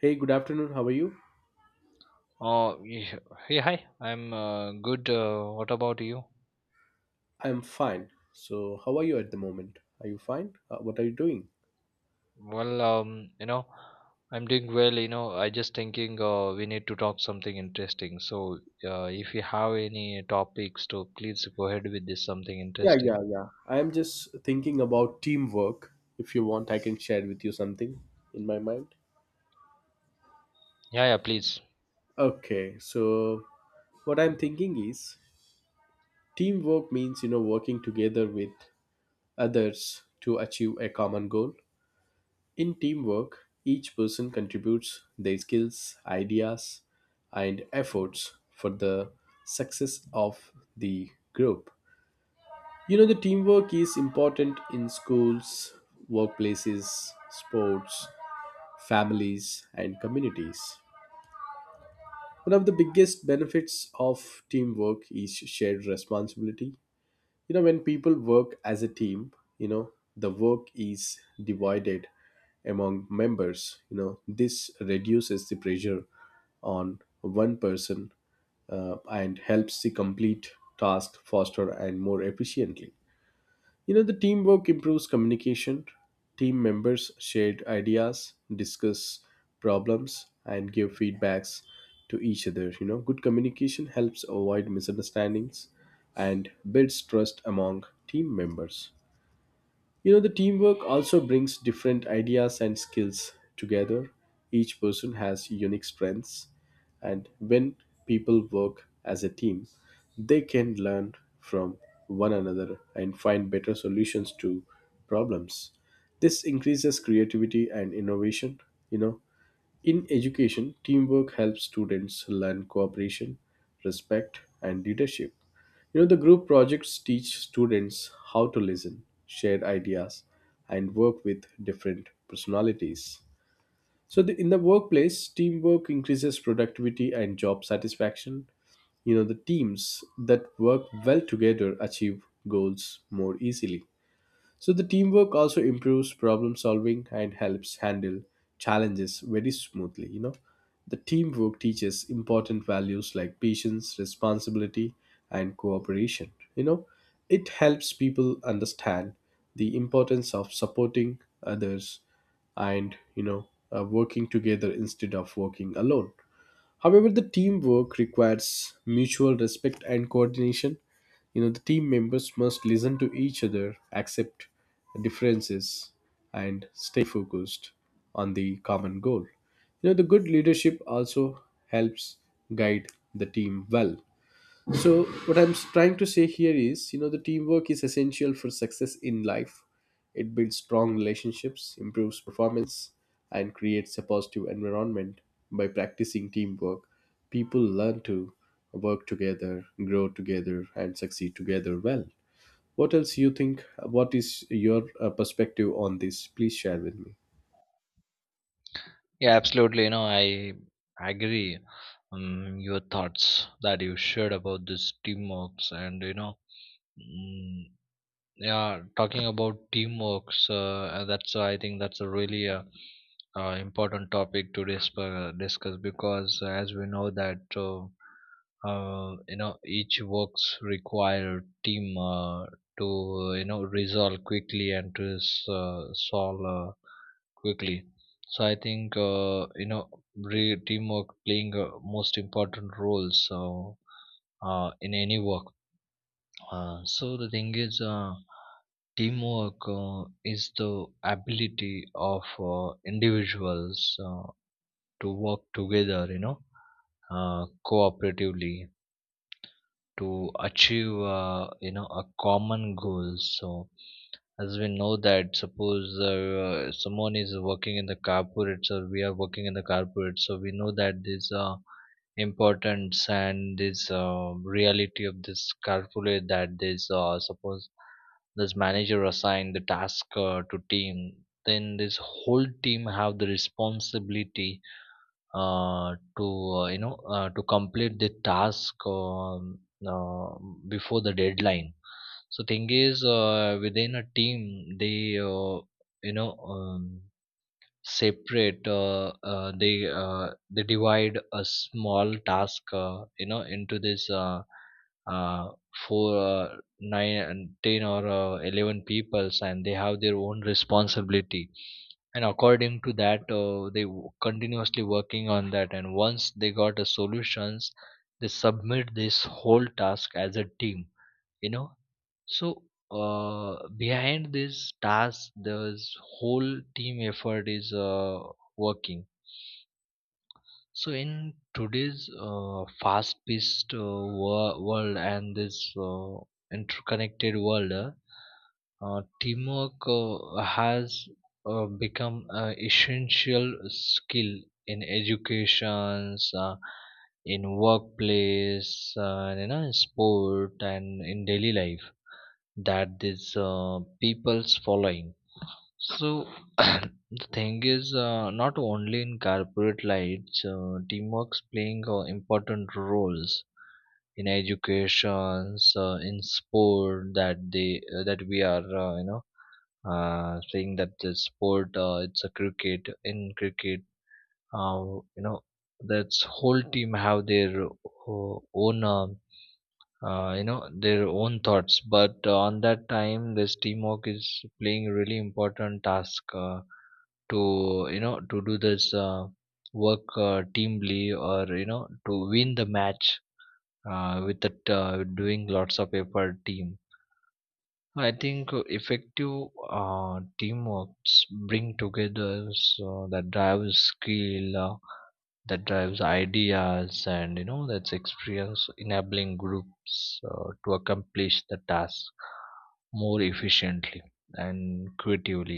Hey, good afternoon. How are you? Oh yeah, hey, hi. I'm good. What about you? I'm fine. So, how are you at the moment? Are you fine? What are you doing? Well, um, you know, I'm doing well. You know, I just thinking we need to talk something interesting. If you have any topics to please go ahead with this something Yeah, yeah, interesting. yeah, I'm just thinking about teamwork. If you want, I can share with you something in my mind. Yeah, yeah, please. Okay, so what I'm thinking is teamwork means, you know, working together with others to achieve a common goal. In teamwork, each person contributes their skills, ideas, and efforts for the success of the group. You know, the teamwork is important in schools, workplaces, sports, families, and communities. One of the biggest benefits of teamwork is shared responsibility. You know, when people work as a team, the work is divided among members. You know, this reduces the pressure on one person and helps the complete task faster and more efficiently. You know, the teamwork improves communication. Team members share ideas, discuss problems, and give feedbacks to each other. You know, good communication helps avoid misunderstandings and builds trust among team members. You know, the teamwork also brings different ideas and skills together. Each person has unique strengths, and when people work as a team, they can learn from one another and find better solutions to problems. This increases creativity and innovation. You know, in education, teamwork helps students learn cooperation, respect, and leadership. You know, the group projects teach students how to listen, share ideas, and work with different personalities. So, in the workplace, teamwork increases productivity and job satisfaction. You know, the teams that work well together achieve goals more easily. So the teamwork also improves problem solving and helps handle challenges very smoothly, you know. The teamwork teaches important values like patience, responsibility, and cooperation. You know, it helps people understand the importance of supporting others and working together instead of working alone. However, the teamwork requires mutual respect and coordination. You know, the team members must listen to each other, accept differences, and stay focused on the common goal. You know, the good leadership also helps guide the team well. So what I'm trying to say here is, you know, the teamwork is essential for success in life. It builds strong relationships, improves performance, and creates a positive environment. By practicing teamwork, people learn to work together, grow together, and succeed together well. What else you think? What is your perspective on this? Please share with me. Yeah, absolutely. I agree. Your thoughts that you shared about this teamworks and mm, yeah talking about teamwork that's I think that's a really important topic to discuss because as we know that you know each works require team to you know resolve quickly and to solve quickly so I think you know teamwork playing most important roles in any work so the thing is, teamwork is the ability of individuals to work together, cooperatively to achieve, a common goal. So as we know that, suppose someone is working in the corporate, or we are working in the corporate, so we know that this. Importance and this reality of this calculate that this suppose this manager assign the task to team then this whole team have the responsibility uh, to to complete the task uh, before the deadline so thing is within a team they you know um, separate they divide a small task you know into this uh, four nine and 10 or 11 peoples and they have their own responsibility and according to that they continuously working on that and once they got a solutions they submit this whole task as a team you know so behind this task, this whole team effort is working. So in today's fast-paced world and this interconnected world, teamwork has become an essential skill in educations, in workplace, and you know, in sport, and in daily life that these people's following so the thing is not only in corporate lights teamwork's playing important roles in educations in sport that we are you know saying that the sport it's a cricket in cricket uh, you know that's whole team have their own you know their own thoughts but on that time this teamwork is playing a really important task to you know to do this work teamly or you know to win the match with the doing lots of effort team I think effective uh, teamworks bring together so that drives skill that drives ideas and you know that's experience enabling groups to accomplish the task more efficiently and creatively